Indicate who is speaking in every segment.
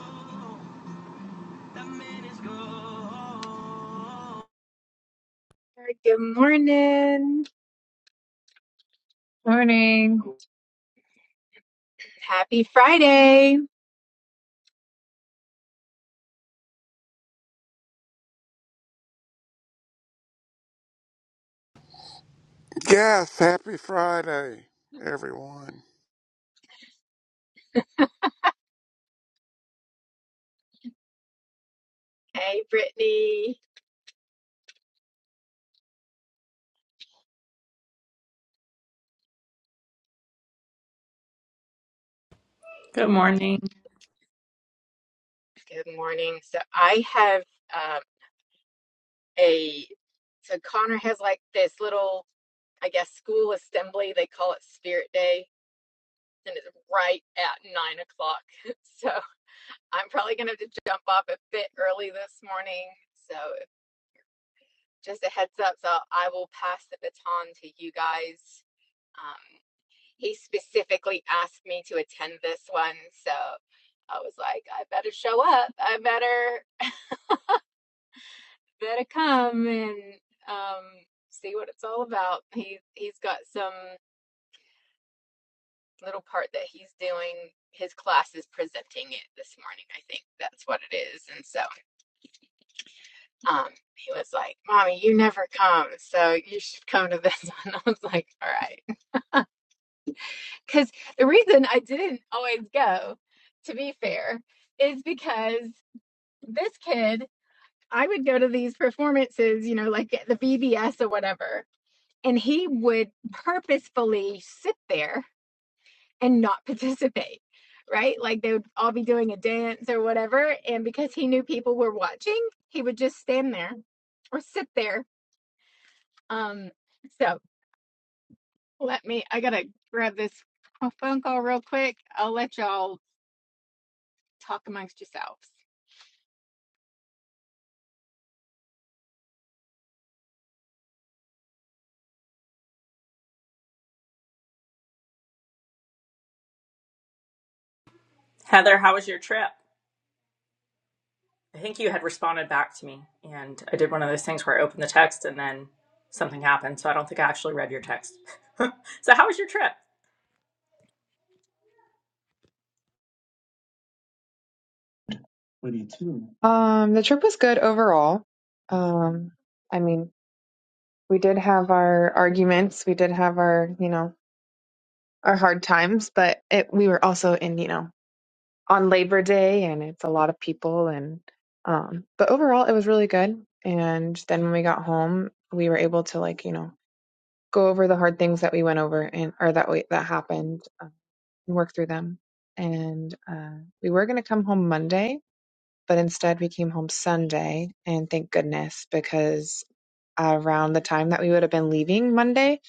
Speaker 1: Oh, Good morning.
Speaker 2: Morning.
Speaker 1: Happy Friday.
Speaker 3: Yes, happy Friday, everyone.
Speaker 1: Hey, Brittany.
Speaker 4: Good morning.
Speaker 1: Good morning. So I have um, a so Connor has like this little, I guess, school assembly. They call it Spirit Day, and it's right at nine o'clock. So I'm probably gonna have to jump off a bit early this morning. So just a heads up. So I will pass the baton to you guys. Um, he specifically asked me to attend this one, so I was like, I better show up. I better. better come and um, see what it's all about. He he's got some little part that he's doing. His class is presenting it this morning. I think that's what it is. And so um, he was like, "Mommy, you never come, so you should come to this one." I was like, "All right," because the reason I didn't always go, to be fair, is because this kid. I would go to these performances, you know, like at the VBS or whatever, and he would purposefully sit there and not participate right like they would all be doing a dance or whatever and because he knew people were watching he would just stand there or sit there um so let me i gotta grab this phone call real quick i'll let y'all talk amongst yourselves
Speaker 4: Heather, how was your trip? I think you had responded back to me, and I did one of those things where I opened the text and then something happened, so I don't think I actually read your text. so, how was your trip?
Speaker 2: Um, the trip was good overall. Um, I mean, we did have our arguments, we did have our, you know, our hard times, but it, we were also in, you know, on Labor Day and it's a lot of people and um, but overall it was really good. And then when we got home, we were able to like, you know, go over the hard things that we went over and or that we that happened um, and work through them. And uh, we were going to come home Monday, but instead we came home Sunday, and thank goodness because around the time that we would have been leaving Monday,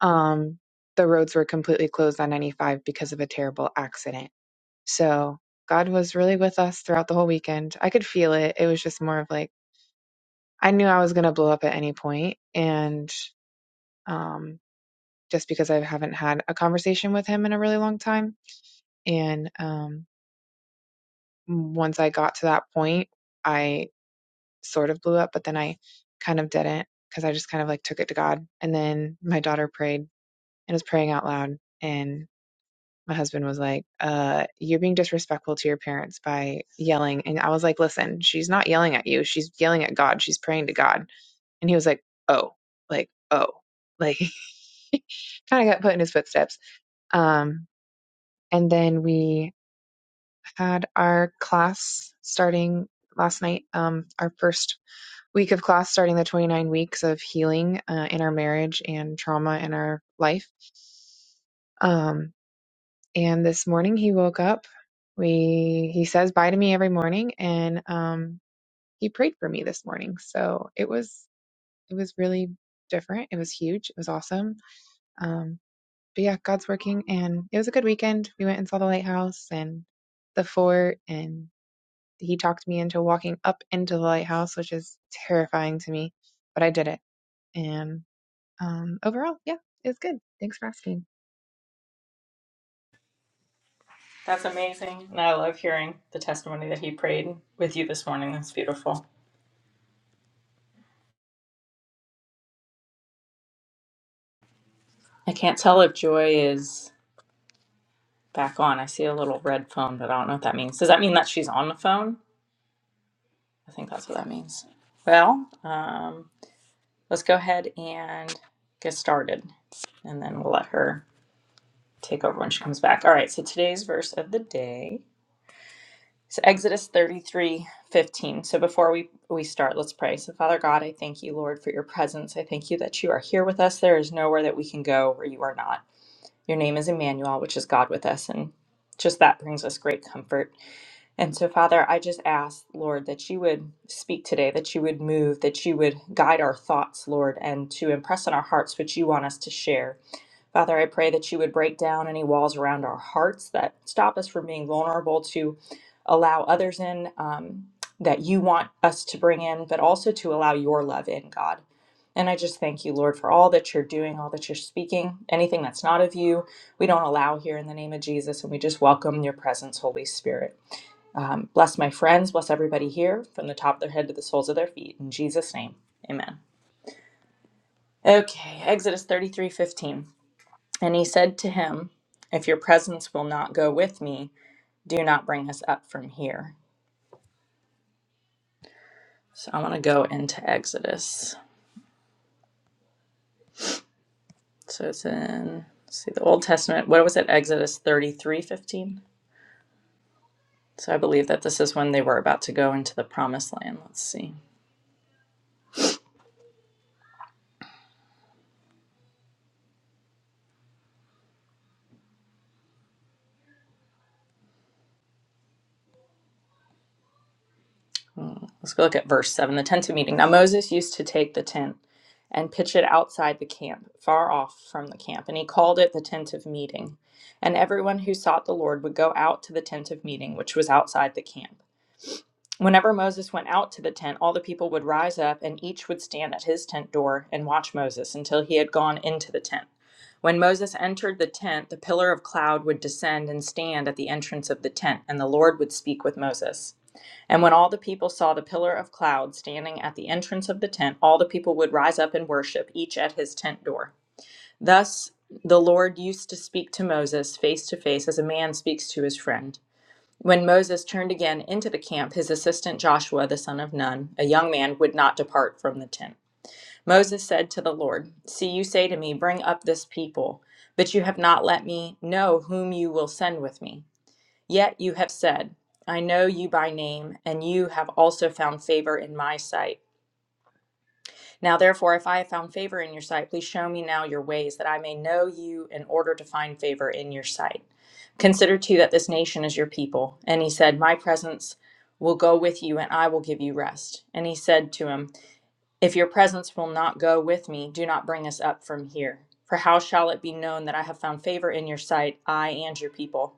Speaker 2: um, the roads were completely closed on 95 because of a terrible accident. So God was really with us throughout the whole weekend. I could feel it. It was just more of like I knew I was going to blow up at any point, and um, just because I haven't had a conversation with Him in a really long time, and um, once I got to that point. I. sort of blew up, but then I kind of didn't because I just kind of like took it to God. And then my daughter prayed and was praying out loud. And my husband was like, uh, You're being disrespectful to your parents by yelling. And I was like, Listen, she's not yelling at you. She's yelling at God. She's praying to God. And he was like, Oh, like, oh, like kind of got put in his footsteps. Um, and then we had our class starting last night, um, our first week of class starting the 29 weeks of healing uh, in our marriage and trauma in our life. Um, and this morning he woke up. We he says bye to me every morning, and um, he prayed for me this morning. So it was it was really different. It was huge. It was awesome. Um, but yeah, God's working, and it was a good weekend. We went and saw the lighthouse and the fort, and he talked me into walking up into the lighthouse, which is terrifying to me, but I did it and um, overall, yeah, it's good. Thanks for asking.
Speaker 4: That's amazing, and I love hearing the testimony that he prayed with you this morning. That's beautiful. I can't tell if Joy is back on. I see a little red phone, but I don't know what that means. Does that mean that she's on the phone? I think that's what that means. Well, um, let's go ahead and get started, and then we'll let her take over when she comes back. All right, so today's verse of the day is Exodus 33 15. So before we, we start, let's pray. So, Father God, I thank you, Lord, for your presence. I thank you that you are here with us. There is nowhere that we can go where you are not. Your name is Emmanuel, which is God with us. And just that brings us great comfort. And so, Father, I just ask, Lord, that you would speak today, that you would move, that you would guide our thoughts, Lord, and to impress on our hearts what you want us to share. Father, I pray that you would break down any walls around our hearts that stop us from being vulnerable to allow others in um, that you want us to bring in, but also to allow your love in, God. And I just thank you, Lord, for all that you're doing, all that you're speaking. Anything that's not of you, we don't allow here in the name of Jesus, and we just welcome your presence, Holy Spirit. Um, bless my friends, bless everybody here from the top of their head to the soles of their feet. In Jesus' name, amen. Okay, Exodus thirty-three fifteen. And he said to him, If your presence will not go with me, do not bring us up from here. So I want to go into Exodus. So it's in, let's see, the Old Testament. What was it? Exodus 33, 15. So I believe that this is when they were about to go into the promised land. Let's see. Mm, Let's go look at verse 7, the tent of meeting. Now Moses used to take the tent and pitch it outside the camp, far off from the camp, and he called it the tent of meeting. And everyone who sought the Lord would go out to the tent of meeting, which was outside the camp. Whenever Moses went out to the tent, all the people would rise up, and each would stand at his tent door and watch Moses until he had gone into the tent. When Moses entered the tent, the pillar of cloud would descend and stand at the entrance of the tent, and the Lord would speak with Moses. And when all the people saw the pillar of cloud standing at the entrance of the tent, all the people would rise up and worship, each at his tent door. Thus the Lord used to speak to Moses face to face as a man speaks to his friend. When Moses turned again into the camp, his assistant Joshua, the son of Nun, a young man, would not depart from the tent. Moses said to the Lord, See, you say to me, Bring up this people, but you have not let me know whom you will send with me. Yet you have said, I know you by name, and you have also found favor in my sight. Now, therefore, if I have found favor in your sight, please show me now your ways, that I may know you in order to find favor in your sight. Consider too that this nation is your people. And he said, My presence will go with you, and I will give you rest. And he said to him, If your presence will not go with me, do not bring us up from here. For how shall it be known that I have found favor in your sight, I and your people?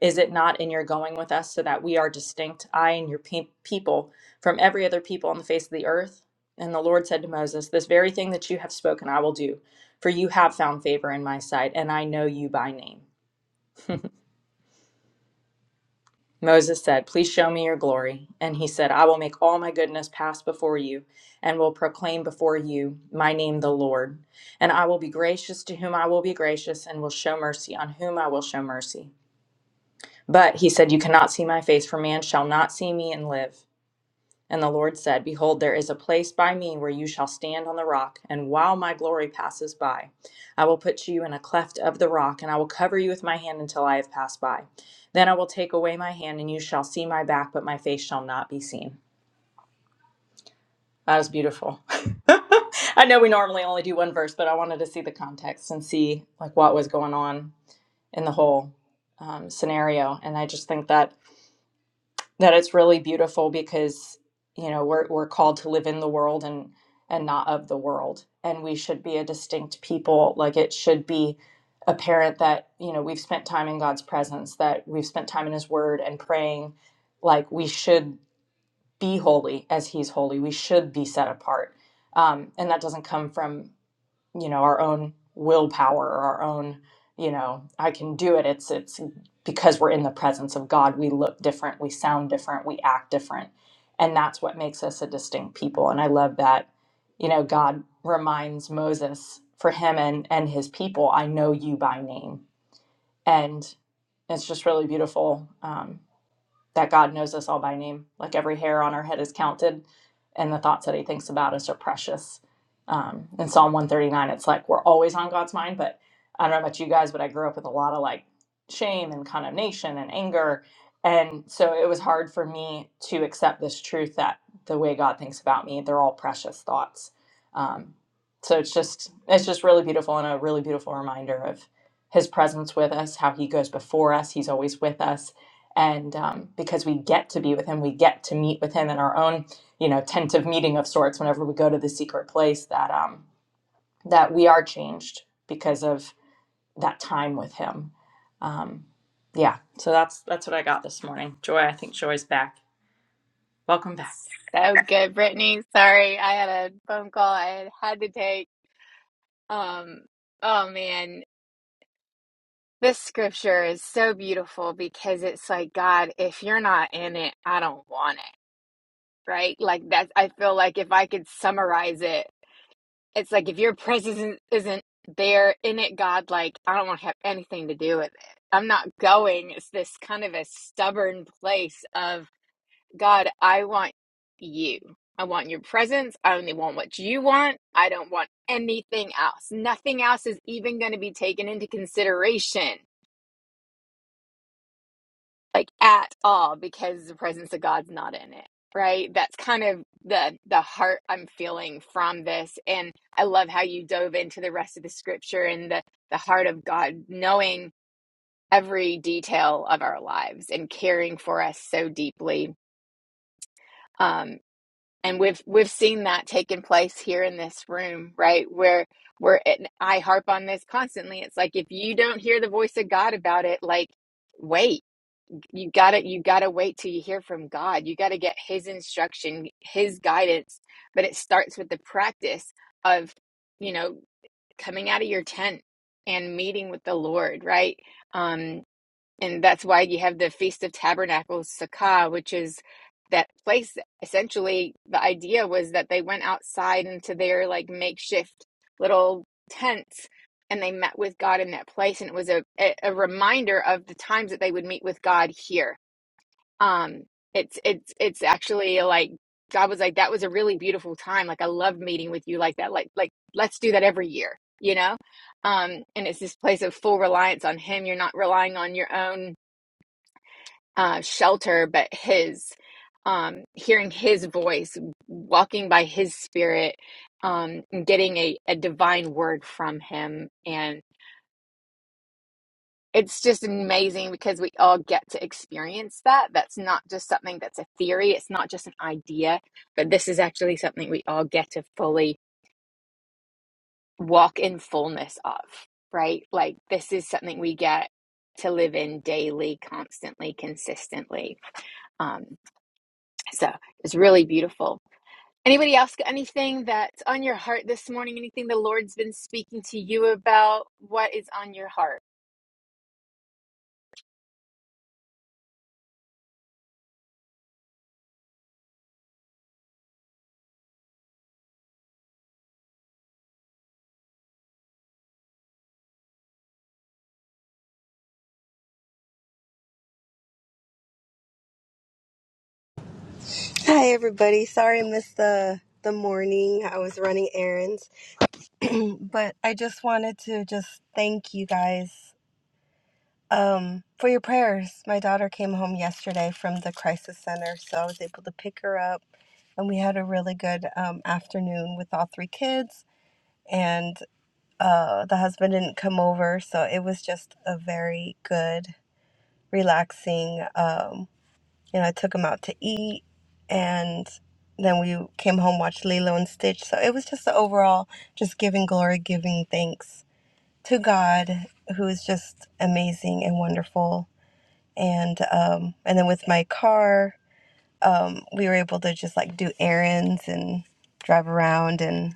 Speaker 4: Is it not in your going with us so that we are distinct, I and your pe- people, from every other people on the face of the earth? And the Lord said to Moses, This very thing that you have spoken, I will do, for you have found favor in my sight, and I know you by name. Moses said, Please show me your glory. And he said, I will make all my goodness pass before you, and will proclaim before you my name, the Lord. And I will be gracious to whom I will be gracious, and will show mercy on whom I will show mercy. But he said, You cannot see my face, for man shall not see me and live. And the Lord said, Behold, there is a place by me where you shall stand on the rock, and while my glory passes by, I will put you in a cleft of the rock, and I will cover you with my hand until I have passed by. Then I will take away my hand, and you shall see my back, but my face shall not be seen. That is beautiful. I know we normally only do one verse, but I wanted to see the context and see like what was going on in the whole um, scenario. And I just think that that it's really beautiful because you know we're we're called to live in the world and and not of the world and we should be a distinct people like it should be apparent that you know we've spent time in God's presence that we've spent time in his word and praying like we should be holy as he's holy we should be set apart um, and that doesn't come from you know our own willpower or our own you know i can do it it's it's because we're in the presence of god we look different we sound different we act different and that's what makes us a distinct people and i love that you know god reminds moses for him and and his people i know you by name and it's just really beautiful Um, that God knows us all by name, like every hair on our head is counted, and the thoughts that He thinks about us are precious. Um, in Psalm 139, it's like we're always on God's mind, but I don't know about you guys, but I grew up with a lot of like shame and condemnation and anger. And so it was hard for me to accept this truth that the way God thinks about me, they're all precious thoughts. Um, so it's just it's just really beautiful and a really beautiful reminder of his presence with us, how he goes before us, he's always with us and um, because we get to be with him we get to meet with him in our own you know tent of meeting of sorts whenever we go to the secret place that um, that we are changed because of that time with him um, yeah so that's that's what i got this morning joy i think joy's back welcome back
Speaker 1: So good, Brittany. Sorry, I had a phone call I had to take. Um, oh man. This scripture is so beautiful because it's like, God, if you're not in it, I don't want it, right? Like that's, I feel like if I could summarize it, it's like if your presence isn't isn't there in it, God, like I don't want to have anything to do with it. I'm not going. It's this kind of a stubborn place of, God, I want you. I want your presence. I only want what you want. I don't want anything else. Nothing else is even going to be taken into consideration like at all because the presence of God's not in it. Right? That's kind of the the heart I'm feeling from this and I love how you dove into the rest of the scripture and the the heart of God knowing every detail of our lives and caring for us so deeply. Um and we've we've seen that taking place here in this room, right? Where where and I harp on this constantly. It's like if you don't hear the voice of God about it, like wait you gotta you gotta wait till you hear from god you gotta get his instruction his guidance but it starts with the practice of you know coming out of your tent and meeting with the lord right um and that's why you have the feast of tabernacles sukkah which is that place essentially the idea was that they went outside into their like makeshift little tents and they met with god in that place and it was a, a a reminder of the times that they would meet with god here um it's it's it's actually like God was like that was a really beautiful time like I loved meeting with you like that like like let's do that every year you know um and it's this place of full reliance on him you're not relying on your own uh shelter but his um hearing his voice walking by his spirit um and getting a, a divine word from him and. it's just amazing because we all get to experience that. That's not just something that's a theory, it's not just an idea, but this is actually something we all get to fully walk in fullness of, right? Like, this is something we get to live in daily, constantly, consistently. Um, so it's really beautiful. Anybody else got anything that's on your heart this morning? Anything the Lord's been speaking to you about? What is on your heart?
Speaker 5: Hi everybody. Sorry I missed the the morning. I was running errands, but I just wanted to just thank you guys um for your prayers. My daughter came home yesterday from the crisis center, so I was able to pick her up and we had a really good um, afternoon with all three kids and uh, the husband didn't come over so it was just a very good relaxing um, you know, I took him out to eat, and then we came home, watched Lilo and Stitch. So it was just the overall, just giving glory, giving thanks to God, who is just amazing and wonderful. And um, and then with my car, um, we were able to just like do errands and drive around and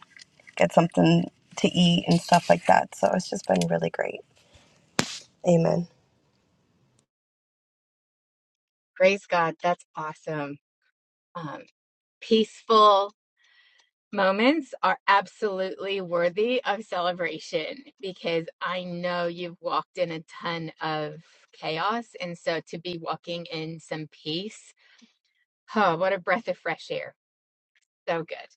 Speaker 5: get something to eat and stuff like that. So it's just been really great. Amen.
Speaker 1: Praise God. That's awesome. Um, peaceful. moments are absolutely worthy of celebration because I know you've walked in a ton of chaos. And so to be walking in some peace, oh, what a breath of fresh air. So good.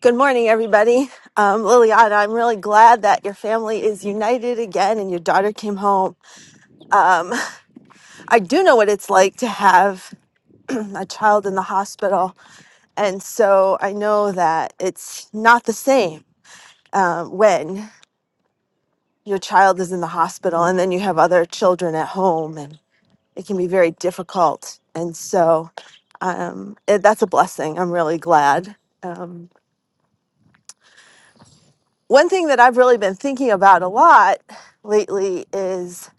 Speaker 6: Good morning, everybody. Um, Liliana, I'm really glad that your family is united again and your daughter came home. Um, I do know what it's like to have a child in the hospital. And so I know that it's not the same um, when your child is in the hospital and then you have other children at home, and it can be very difficult. And so um, it, that's a blessing. I'm really glad. um, one thing that I've really been thinking about a lot lately is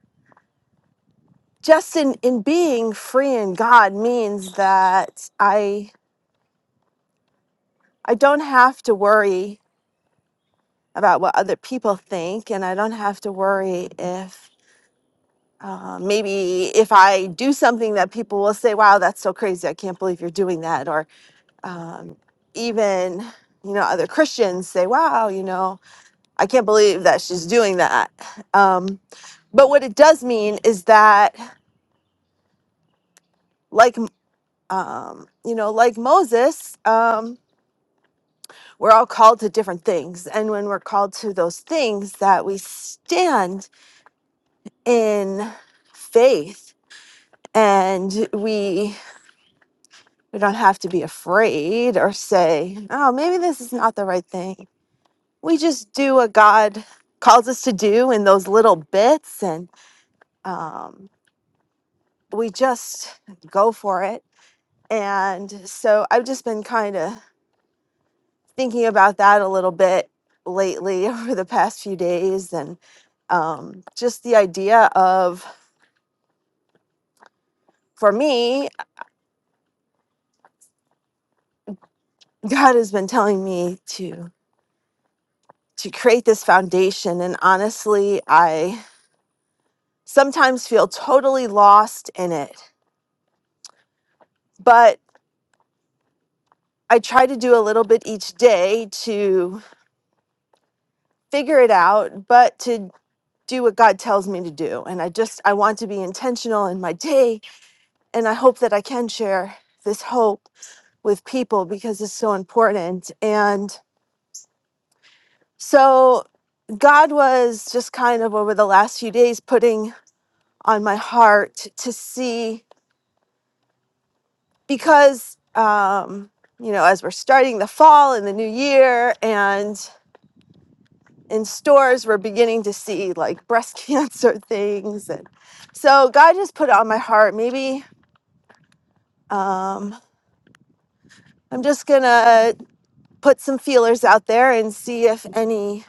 Speaker 6: just in, in being free in God means that I I don't have to worry about what other people think, and I don't have to worry if uh, maybe if I do something that people will say, "Wow, that's so crazy! I can't believe you're doing that," or um, even you know other Christians say, "Wow, you know, I can't believe that she's doing that." Um, but what it does mean is that like um you know like moses um we're all called to different things and when we're called to those things that we stand in faith and we we don't have to be afraid or say oh maybe this is not the right thing we just do what god calls us to do in those little bits and um we just go for it and so i've just been kind of thinking about that a little bit lately over the past few days and um, just the idea of for me god has been telling me to to create this foundation and honestly i sometimes feel totally lost in it but i try to do a little bit each day to figure it out but to do what god tells me to do and i just i want to be intentional in my day and i hope that i can share this hope with people because it's so important. And so God was just kind of over the last few days putting on my heart to see because um you know as we're starting the fall and the new year and in stores we're beginning to see like breast cancer things and so God just put it on my heart maybe um I'm just going to put some feelers out there and see if any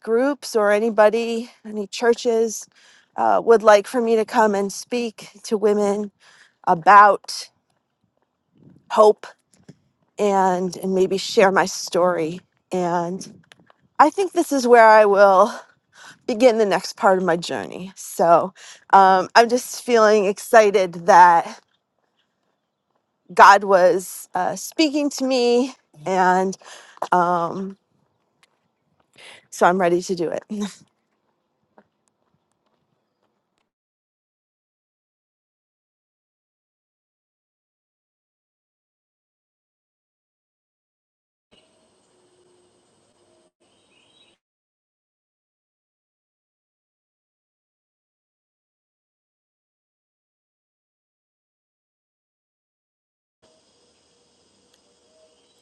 Speaker 6: groups or anybody, any churches uh, would like for me to come and speak to women about hope and and maybe share my story. And I think this is where I will begin the next part of my journey. So um, I'm just feeling excited that God was uh, speaking to me and um, so I'm ready to do it.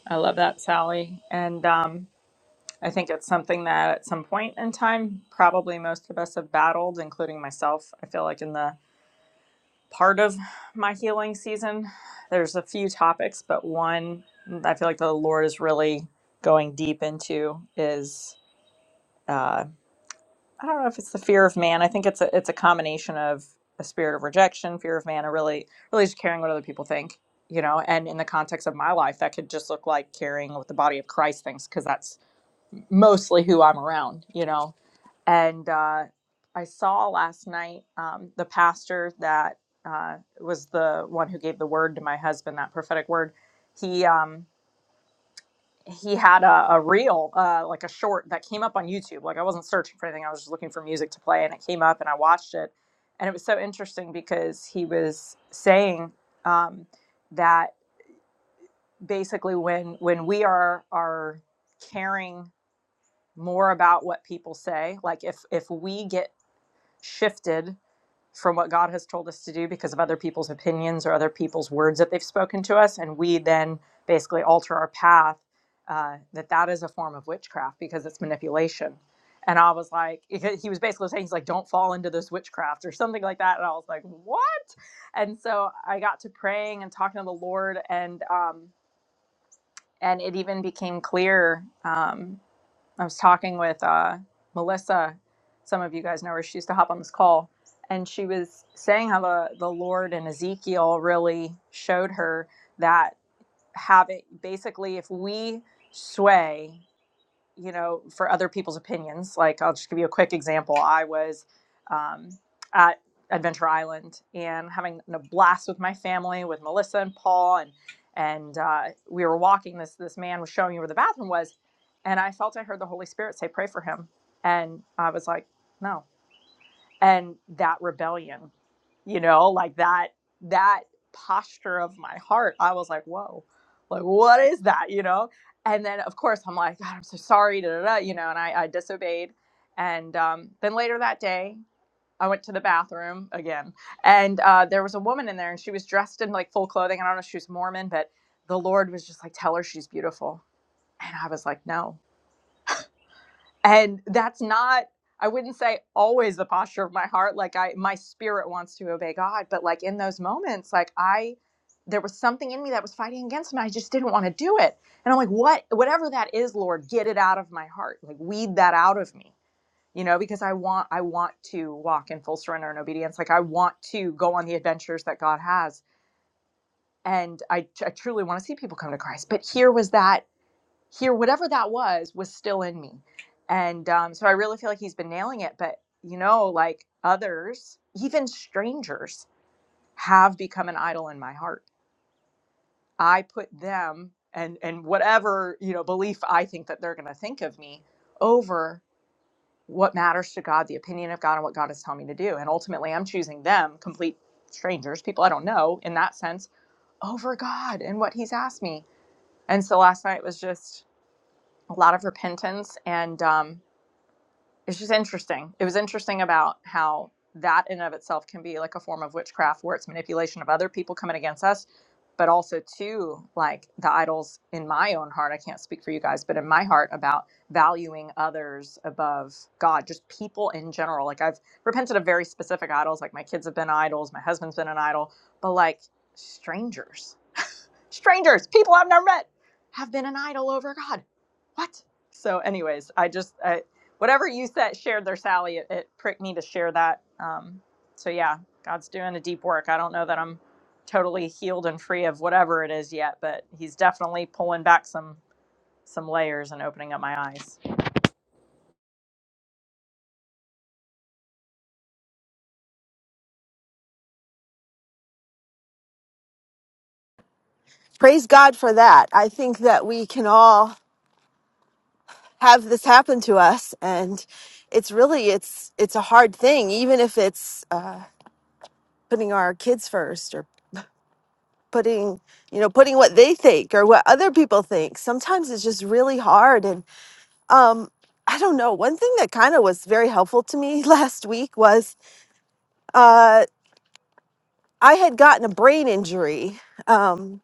Speaker 4: I love that, Sally. And um, I think it's something that at some point in time, probably most of us have battled, including myself. I feel like in the part of my healing season. There's a few topics, but one I feel like the Lord is really going deep into is uh, I don't know if it's the fear of man. I think it's a it's a combination of a spirit of rejection, fear of man, or really really just caring what other people think. You know, and in the context of my life, that could just look like caring what the body of Christ thinks, because that's mostly who I'm around. You know, and uh, I saw last night um, the pastor that uh, was the one who gave the word to my husband, that prophetic word. He um, he had a, a reel, uh, like a short that came up on YouTube. Like I wasn't searching for anything; I was just looking for music to play, and it came up, and I watched it, and it was so interesting because he was saying um, that basically when when we are are caring more about what people say, like if if we get shifted from what God has told us to do because of other people's opinions or other people's words that they've spoken to us, and we then basically alter our path. Uh, that that is a form of witchcraft because it's manipulation. And I was like, he was basically saying he's like, don't fall into this witchcraft or something like that. And I was like, what? And so I got to praying and talking to the Lord, and um, and it even became clear. um, I was talking with uh, Melissa. Some of you guys know her. She used to hop on this call, and she was saying how the, the Lord and Ezekiel really showed her that have it basically if we sway you know, for other people's opinions. Like, I'll just give you a quick example. I was um, at Adventure Island and having a blast with my family, with Melissa and Paul, and and uh, we were walking. This this man was showing me where the bathroom was, and I felt I heard the Holy Spirit say, "Pray for him," and I was like, "No." and that rebellion you know like that that posture of my heart i was like whoa like what is that you know and then of course i'm like god i'm so sorry da, da, da, you know and i, I disobeyed and um, then later that day i went to the bathroom again and uh, there was a woman in there and she was dressed in like full clothing i don't know if she was mormon but the lord was just like tell her she's beautiful and i was like no and that's not i wouldn't say always the posture of my heart like i my spirit wants to obey god but like in those moments like i there was something in me that was fighting against him and i just didn't want to do it and i'm like what whatever that is lord get it out of my heart like weed that out of me you know because i want i want to walk in full surrender and obedience like i want to go on the adventures that god has and i, I truly want to see people come to christ but here was that here, whatever that was, was still in me. And um, so I really feel like he's been nailing it. But, you know, like others, even strangers, have become an idol in my heart. I put them and, and whatever, you know, belief I think that they're going to think of me over what matters to God, the opinion of God, and what God is telling me to do. And ultimately, I'm choosing them, complete strangers, people I don't know in that sense, over God and what He's asked me. And so last night was just a lot of repentance and, um, it's just interesting. It was interesting about how that in and of itself can be like a form of witchcraft where it's manipulation of other people coming against us, but also too like the idols in my own heart. I can't speak for you guys, but in my heart about valuing others above God, just people in general. Like I've repented of very specific idols, like my kids have been idols, my husband's been an idol, but like strangers strangers, people I've never met, have been an idol over God. What? So, anyways, I just I, whatever you said shared there, Sally. It, it pricked me to share that. Um, so yeah, God's doing a deep work. I don't know that I'm totally healed and free of whatever it is yet, but He's definitely pulling back some some layers and opening up my eyes.
Speaker 6: Praise God for that. I think that we can all have this happen to us and it's really it's it's a hard thing even if it's uh, putting our kids first or putting you know putting what they think or what other people think sometimes it's just really hard and um i don't know one thing that kind of was very helpful to me last week was uh i had gotten a brain injury um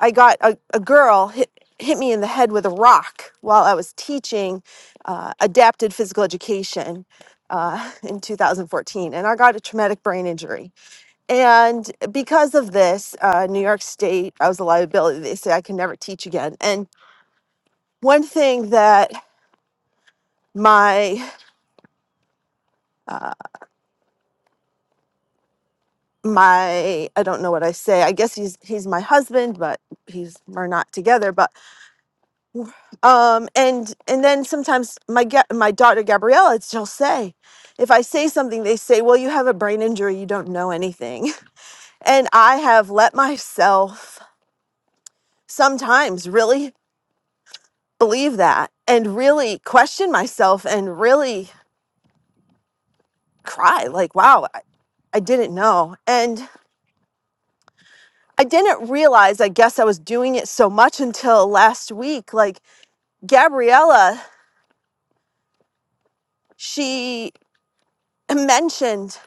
Speaker 6: I got a, a girl hit, hit me in the head with a rock while I was teaching uh, adapted physical education uh, in 2014, and I got a traumatic brain injury. And because of this, uh, New York State, I was a liability. They say I can never teach again. And one thing that my uh, my I don't know what I say. I guess he's he's my husband, but he's we're not together. But um and and then sometimes my ga- my daughter gabriella she'll say if i say something they say well you have a brain injury you don't know anything and i have let myself sometimes really believe that and really question myself and really cry like wow i, I didn't know and I didn't realize, I guess I was doing it so much until last week. Like Gabriella, she mentioned,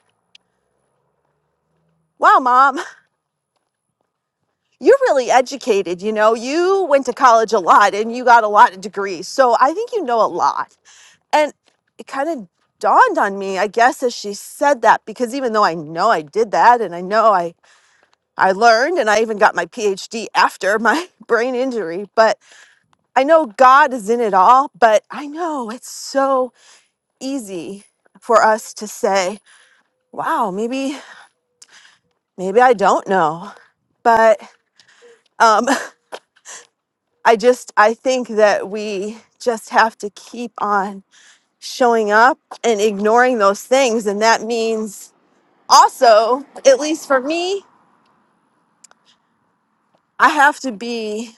Speaker 6: Wow, mom, You're really educated, you know. You went to college a lot and you got a lot of degrees. So I think you know a lot. And it kind of dawned on me, I guess, as she said that, because even though I know I did that and I know I, I learned and I even got my PhD after my brain injury, but I know God is in it all. But I know it's so easy for us to say, wow, maybe, maybe I don't know. But um. I just I think that we just have to keep on showing up and ignoring those things and that means also at least for me I have to be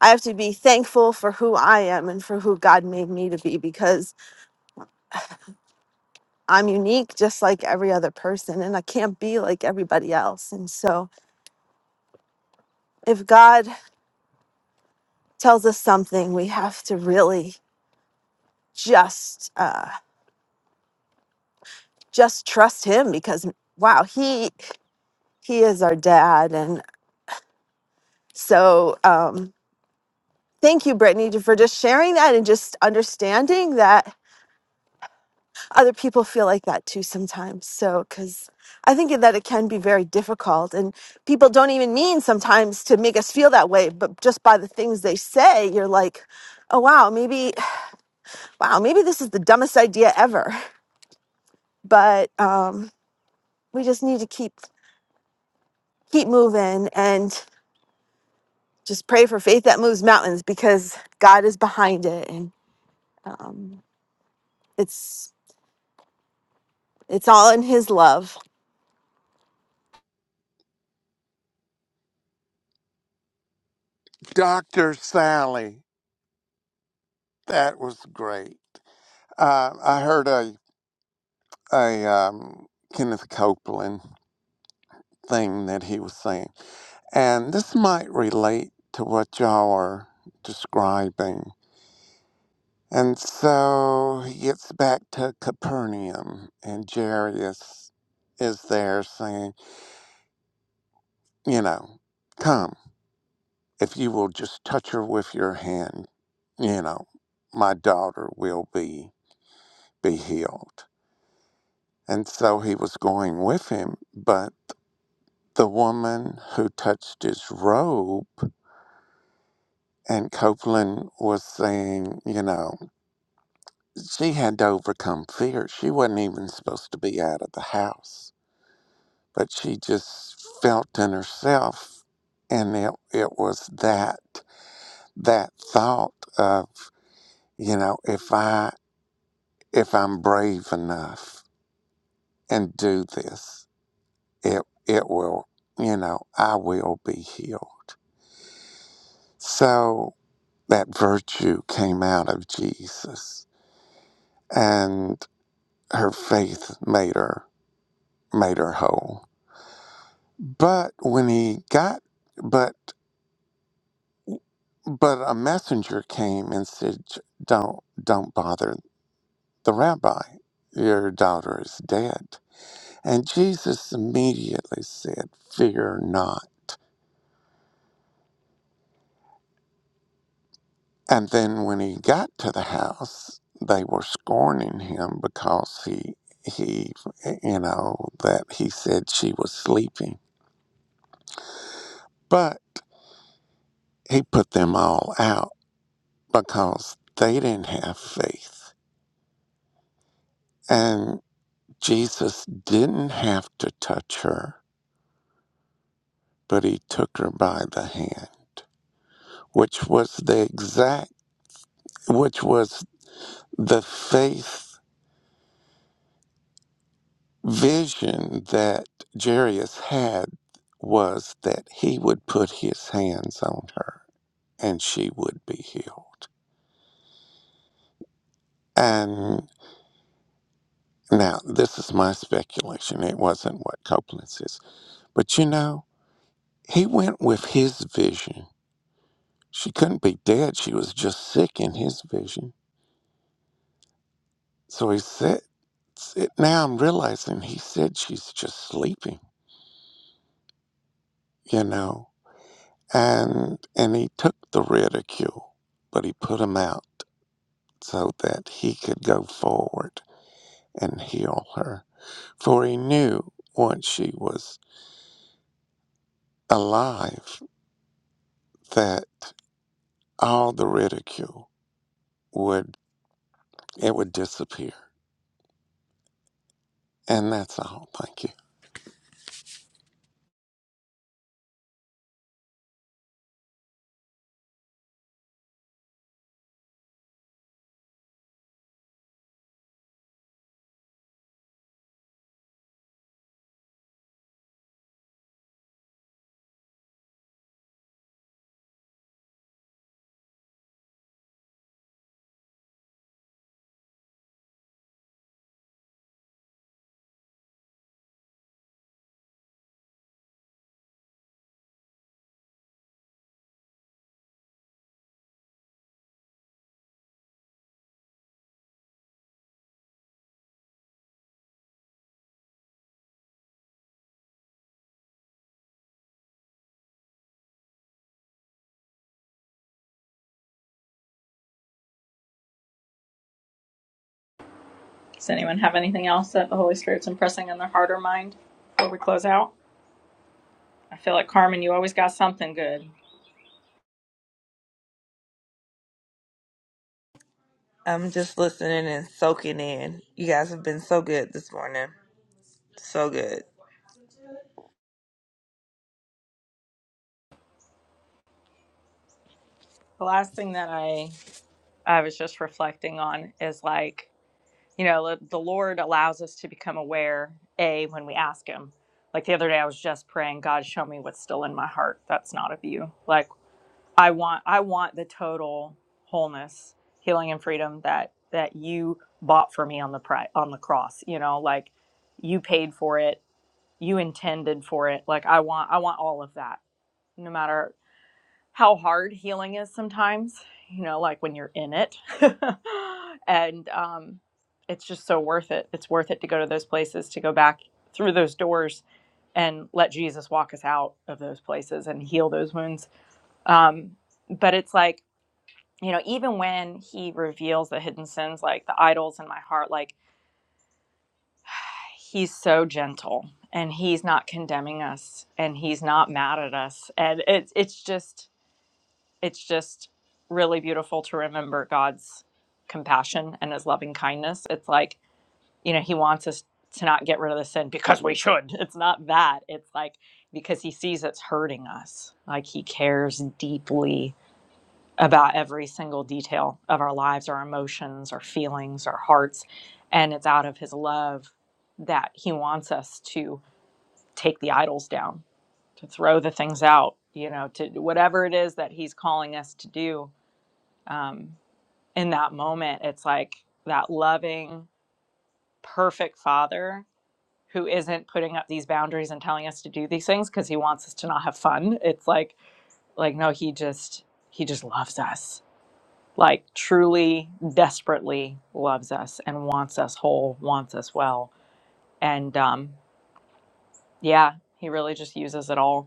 Speaker 6: I have to be thankful for who I am and for who God made me to be because I'm unique just like every other person and I can't be like everybody else and so if God tells us something we have to really just uh just trust him because wow he he is our dad and so um thank you brittany for just sharing that and just understanding that other people feel like that too sometimes so because i think that it can be very difficult and people don't even mean sometimes to make us feel that way but just by the things they say you're like oh wow maybe wow maybe this is the dumbest idea ever but um we just need to keep keep moving and just pray for faith that moves mountains because God is behind it. And um, it's it's all in his love
Speaker 3: Dr. Sally, that was great. Uh, I heard a, a um, Kenneth Copeland thing that he was saying, and this might relate to what y'all are describing. And so he gets back to Capernaum, and Jairus is there saying, you know, come. If you will just touch her with your hand, you know, my daughter will be be healed. And so he was going with him, but the woman who touched his robe and Copeland was saying, you know, she had to overcome fear. She wasn't even supposed to be out of the house, but she just felt in herself. And it, it was that, that thought of, you know, if I if I'm brave enough and do this, it it will, you know, I will be healed. So that virtue came out of Jesus and her faith made her made her whole. But when he got but but a messenger came and said don't don't bother the rabbi your daughter is dead and jesus immediately said fear not And then when he got to the house, they were scorning him because he, he, you know, that he said she was sleeping. But he put them all out because they didn't have faith. And Jesus didn't have to touch her, but he took her by the hand, which was the exact, which was the faith vision that Jairus had was that he would put his hands on her and she would be healed. And now, this is my speculation. It wasn't what Copeland says. But you know, he went with his vision. She couldn't be dead. She was just sick in his vision. So he said, it- now I'm realizing he said she's just sleeping, you know, and and he took the ridicule, but he put him out so that he could go forward and heal her. For he knew once she was alive that all the ridicule would it would disappear. And that's all. Thank you.
Speaker 4: Does anyone have anything else that the Holy Spirit's impressing on their heart or mind before we close out? I feel like Carmen, you always got something good.
Speaker 7: I'm just listening and soaking in. You guys have been so good this morning. So good.
Speaker 4: The last thing that I I was just reflecting on is like, you know, the Lord allows us to become aware, A, when we ask Him. Like the other day, I was just praying, God, show me what's still in my heart that's not of you. Like, I want, I want the total wholeness, healing, and freedom that that you bought for me on the pri- on the cross. You know, like you paid for it, you intended for it. Like I want, I want all of that, no matter how hard healing is sometimes, you know, like when you're in it. and um, it's just so worth it. It's worth it to go to those places, to go back through those doors and let Jesus walk us out of those places and heal those wounds. Um, but it's like, you know, even when he reveals the hidden sins, like the idols in my heart, like he's so gentle and he's not condemning us and he's not mad at us. And it's it's just it's just really beautiful to remember God's compassion and his loving kindness. It's like, you know, he wants us to not get rid of the sin because we should. It's not that. It's like because he sees it's hurting us. Like he cares deeply about every single detail of our lives, our emotions, our feelings, our hearts. And it's out of his love that he wants us to take the idols down, to throw the things out, you know, to whatever it is that he's calling us to do um, in that moment, it's like that loving, perfect father who isn't putting up these boundaries and telling us to do these things because he wants us to not have fun. It's like, like no, he just he just loves us, like truly, desperately loves us and wants us whole, wants us well, and um, yeah, he really just uses it all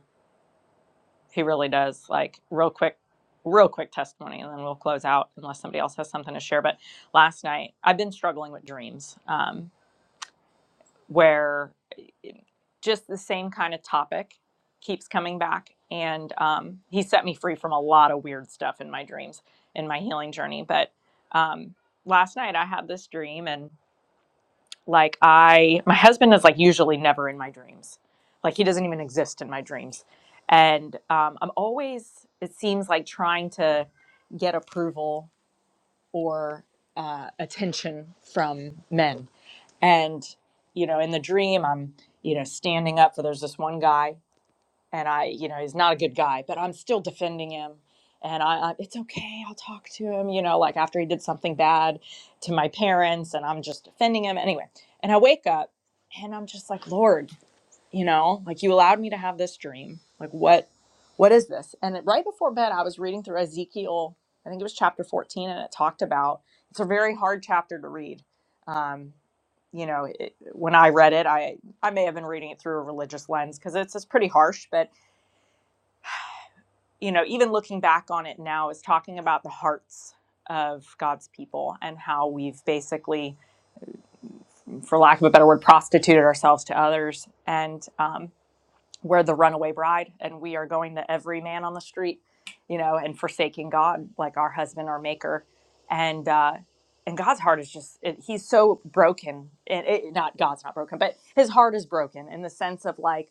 Speaker 4: He really does. Like real quick, real quick testimony, and then we'll close out unless somebody else has something to share. But last night, I've been struggling with dreams, um, where eh, just the same kind of topic keeps coming back, and um, he set me free from a lot of weird stuff in my dreams in my healing journey. But um, last night, I had this dream, and like I my husband is like usually never in my dreams. Like he doesn't even exist in my dreams. And um, I'm always it seems like trying to get approval or uh, attention from men. And you know, in the dream I'm, you know, standing up for there's this one guy and I, you know, he's not a good guy, but I'm still defending him. And I, I, it's okay. I'll talk to him, you know, like after he did something bad to my parents, and I'm just defending him anyway. And I wake up and I'm just like, Lord, you know, like you allowed me to have this dream. Like, what, what is this? And right before bed, I was reading through Ezekiel, I think it was chapter 14, and it talked about it's a very hard chapter to read. Um, you know, it, when I read it, I I may have been reading it through a religious lens because it's it's pretty harsh, but you know, even looking back on it now, is talking about the hearts of God's people and how we've basically, for lack of a better word, prostituted ourselves to others. And um, we're the runaway bride, and we are going to every man on the street, you know, and forsaking God, like our husband, our maker. And, uh, and God's heart is just, it, he's so broken. It, it, not God's not broken, but his heart is broken in the sense of like,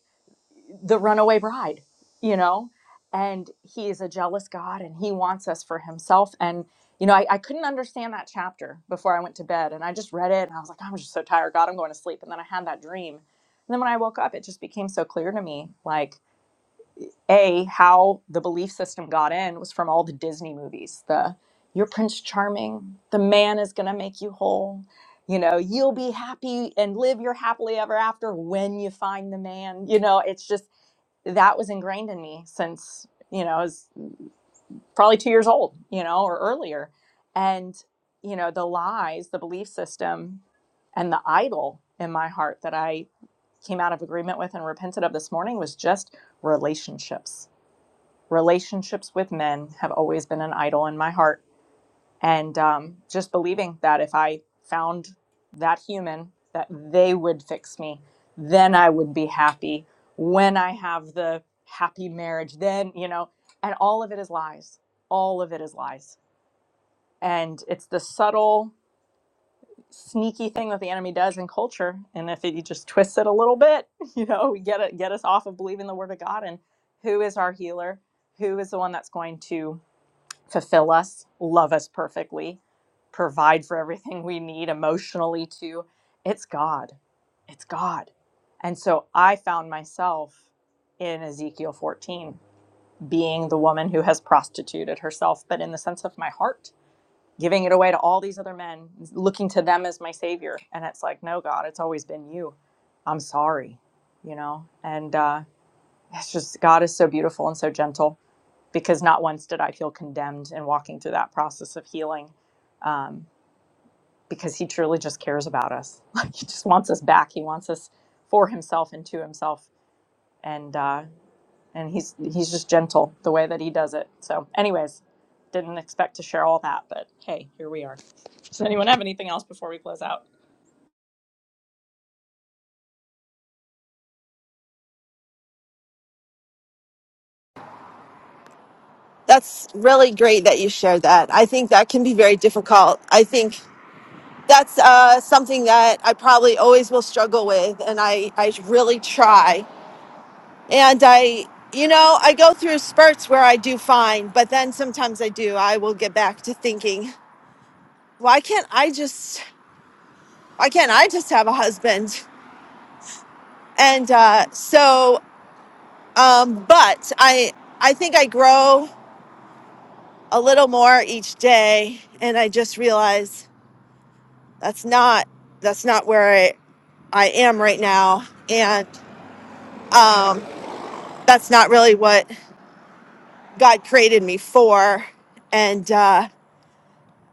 Speaker 4: the runaway bride, you know? And he is a jealous God and he wants us for himself. And, you know, I, I couldn't understand that chapter before I went to bed. And I just read it and I was like, "Oh, I'm just so tired, God, I'm going to sleep. And then I had that dream. And then when I woke up, it just became so clear to me like, A, how the belief system got in was from all the Disney movies. The you're Prince Charming, the man is going to make you whole. You know, you'll be happy and live your happily ever after when you find the man. You know, it's just that was ingrained in me since you know I was probably two years old, you know, or earlier. And you know, the lies, the belief system, and the idol in my heart that I came out of agreement with and repented of this morning was just relationships. Relationships with men have always been an idol in my heart and um, just believing that if I found that human, that they would fix me, then I would be happy. When I have the happy marriage, then you know, and all of it is lies. All of it is lies, and it's the subtle, sneaky thing that the enemy does in culture. And if he just twists it a little bit, you know, we get it, get us off of believing the word of God and who is our healer, who is the one that's going to fulfill us, love us perfectly, provide for everything we need emotionally too. It's God. It's God. And so I found myself in Ezekiel 14 being the woman who has prostituted herself, but in the sense of my heart, giving it away to all these other men, looking to them as my savior. And it's like, no, God, it's always been you. I'm sorry, you know? And uh, it's just, God is so beautiful and so gentle because not once did I feel condemned in walking through that process of healing um, because he truly just cares about us. Like he just wants us back. He wants us for himself and to himself. And uh, and he's he's just gentle the way that he does it. So, anyways, didn't expect to share all that, but hey, here we are. Does anyone have anything else before we close out?
Speaker 6: that's really great that you shared that i think that can be very difficult i think that's uh, something that i probably always will struggle with and i i really try and i you know i go through spurts where i do fine but then sometimes i do i will get back to thinking why can't i just why can't i just have a husband and uh, so um, but i i think i grow a little more each day and i just realized that's not that's not where i, I am right now and um, that's not really what god created me for and uh,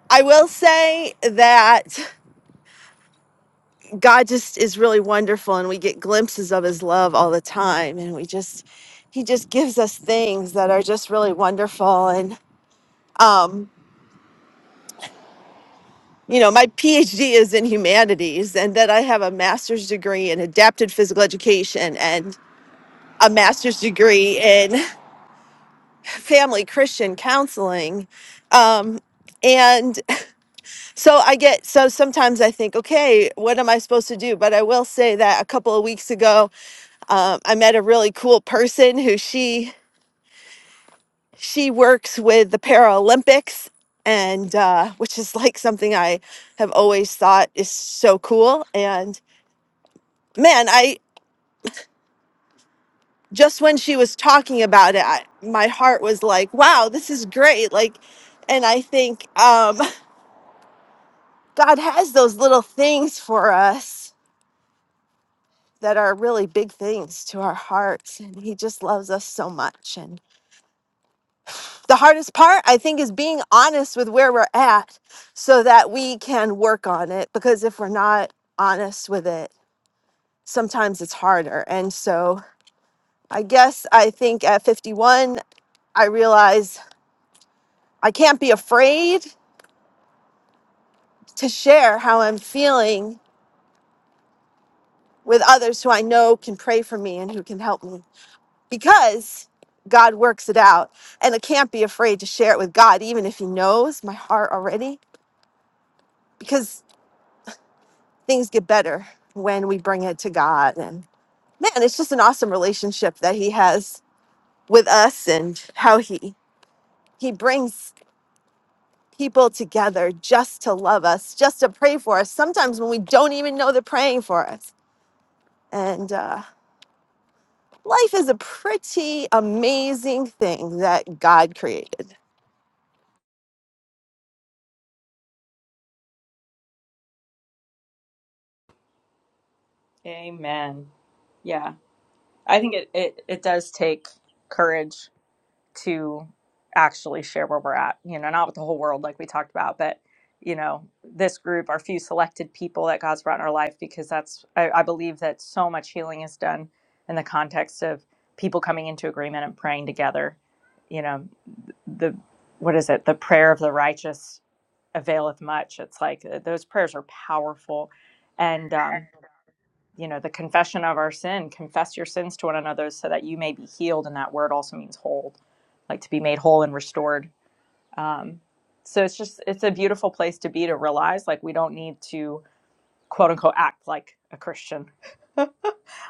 Speaker 6: i will say that god just is really wonderful and we get glimpses of his love all the time and we just he just gives us things that are just really wonderful and um, you know, my PhD is in humanities, and then I have a master's degree in adapted physical education and a master's degree in family Christian counseling. Um, and so I get, so sometimes I think, okay, what am I supposed to do? But I will say that a couple of weeks ago, um, I met a really cool person who she, she works with the Paralympics and uh, which is like something I have always thought is so cool. And man, I just when she was talking about it, I, my heart was like, wow, this is great. Like, and I think um, God has those little things for us that are really big things to our hearts. And He just loves us so much. And the hardest part, I think, is being honest with where we're at so that we can work on it. Because if we're not honest with it, sometimes it's harder. And so I guess I think at 51, I realize I can't be afraid to share how I'm feeling with others who I know can pray for me and who can help me because God works it out. And I can't be afraid to share it with God, even if He knows my heart already, because things get better when we bring it to God. And man, it's just an awesome relationship that He has with us and how He He brings people together just to love us, just to pray for us. Sometimes when we don't even know they're praying for us. And uh life is a pretty amazing thing that God created.
Speaker 4: Amen. Yeah, I think it it, it does take courage to actually share where we're at you know not with the whole world like we talked about but you know this group our few selected people that god's brought in our life because that's i, I believe that so much healing is done in the context of people coming into agreement and praying together you know the what is it the prayer of the righteous availeth much it's like uh, those prayers are powerful and um, you know, the confession of our sin, confess your sins to one another so that you may be healed. And that word also means whole, like to be made whole and restored. Um, so it's just, it's a beautiful place to be to realize like we don't need to quote unquote act like a Christian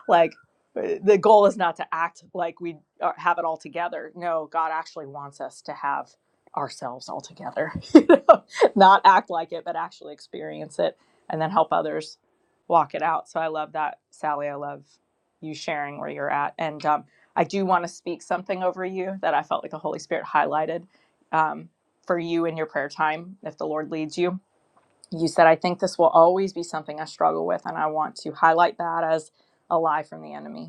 Speaker 4: like uh, the goal is not to act like we are- have it all together. No, God actually wants us to have ourselves all together. you know? Not act like it, but actually experience it and then help others walk it out. So I love that, Sally. I love you sharing where you're at. And um, I do want to speak something over you that I felt like the Holy Spirit highlighted um, for you in your prayer time, if the Lord leads you you said, I think this will always be something I struggle with, and I want to highlight that as a lie from the enemy.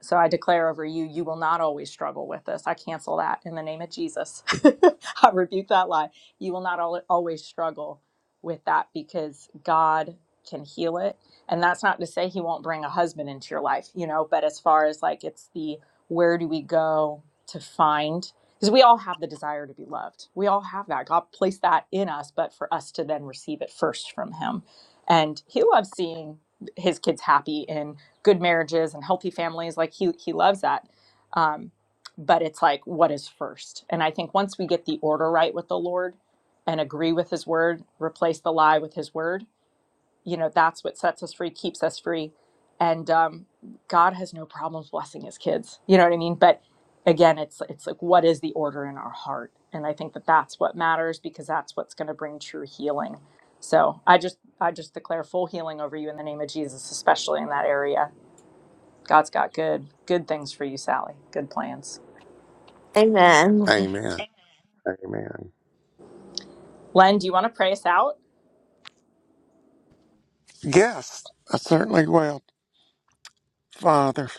Speaker 4: So I declare over you, you will not always struggle with this. I cancel that in the name of Jesus. I rebuke that lie. You will not al- always struggle with that because God can heal it. And that's not to say He won't bring a husband into your life, you know, but as far as like it's the where do we go to find, because we all have the desire to be loved. We all have that. God placed that in us, but for us to then receive it first from Him. And He loves seeing His kids happy and good marriages and healthy families. Like he he loves that. Um, but it's like what is first? And I think once we get the order right with the Lord and agree with his word, replace the lie with his word, you know, that's what sets us free, keeps us free. And um, God has no problems blessing his kids. You know what I mean? But again, it's it's like what is the order in our heart? And I think that that's what matters because that's what's going to bring true healing. So I just I just declare full healing over you in the name of Jesus, especially in that area God's got good, good things for you, Sally. Good plans.
Speaker 6: Amen.
Speaker 3: Amen. Amen.
Speaker 4: Len, do you want to pray us out?
Speaker 3: Yes, I certainly will. Father,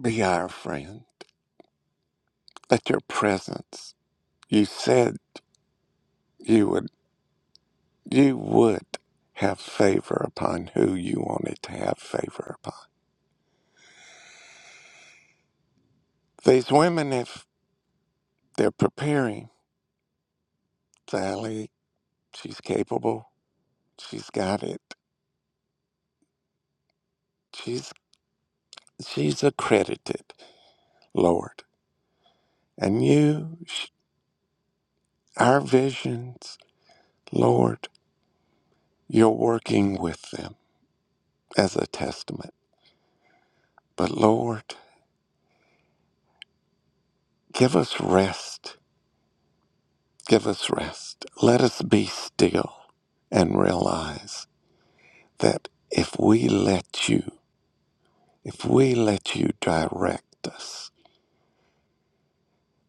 Speaker 3: be our friend. Let your presence you said you would you would have favor upon who you wanted to have favor upon. These women if they're preparing Sally, she's capable. She's got it. She's she's accredited, Lord. And you, sh- our visions, Lord, you're working with them as a testament. But Lord, give us rest. Give us rest. Let us be still and realize that if we let you, if we let you direct us,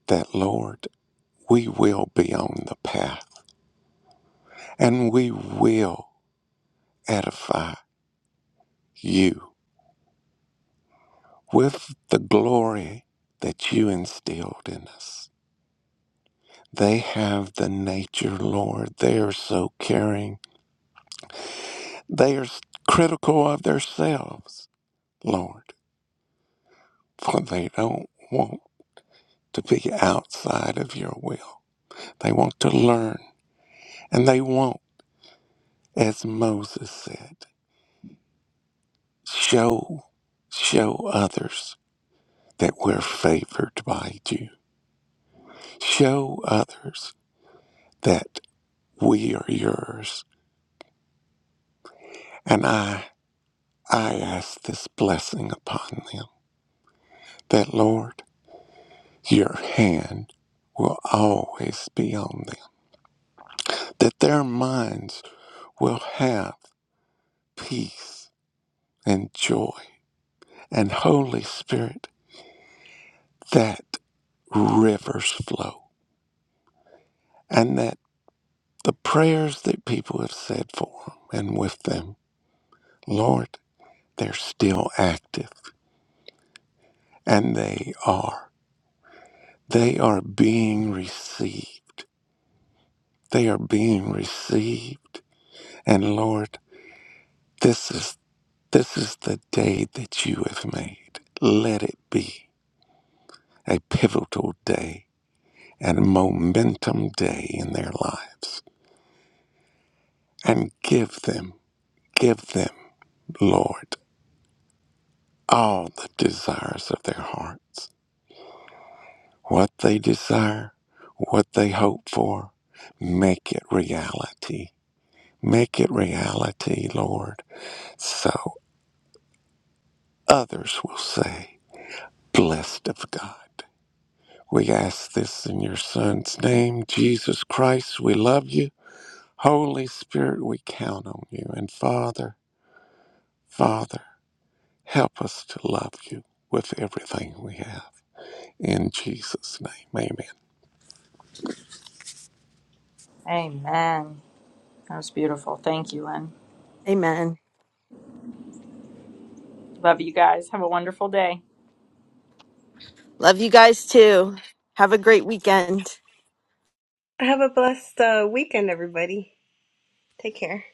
Speaker 3: that Lord, we will be on the path and we will edify you with the glory that you instilled in us. They have the nature, Lord. They are so caring. They are critical of themselves, Lord, for they don't want to be outside of your will. They want to learn, and they want, as Moses said, show, show others that we're favored by you. Show others that we are yours. And I, I ask this blessing upon them that, Lord, your hand will always be on them, that their minds will have peace and joy. And Holy Spirit, that rivers flow, and that the prayers that people have said for them and with them, Lord, they're still active and they are. They are being received They are being received. And Lord, this is this is the day that you have made. Let it be a pivotal day and momentum day in their lives. And give them, give them, Lord, all the desires of their hearts. What they desire, what they hope for, make it reality. Make it reality, Lord, so others will say. blessed of God. We ask this in your Son's name, Jesus Christ. We love you. Holy Spirit, we count on you. And Father, Father, help us to love you with everything we have. In Jesus' name, amen.
Speaker 4: Amen. That was beautiful. Thank you, Len.
Speaker 6: Amen.
Speaker 4: Love you guys. Have a wonderful day.
Speaker 6: Love you guys too. Have a great weekend.
Speaker 5: Have a blessed uh, weekend, everybody. Take care.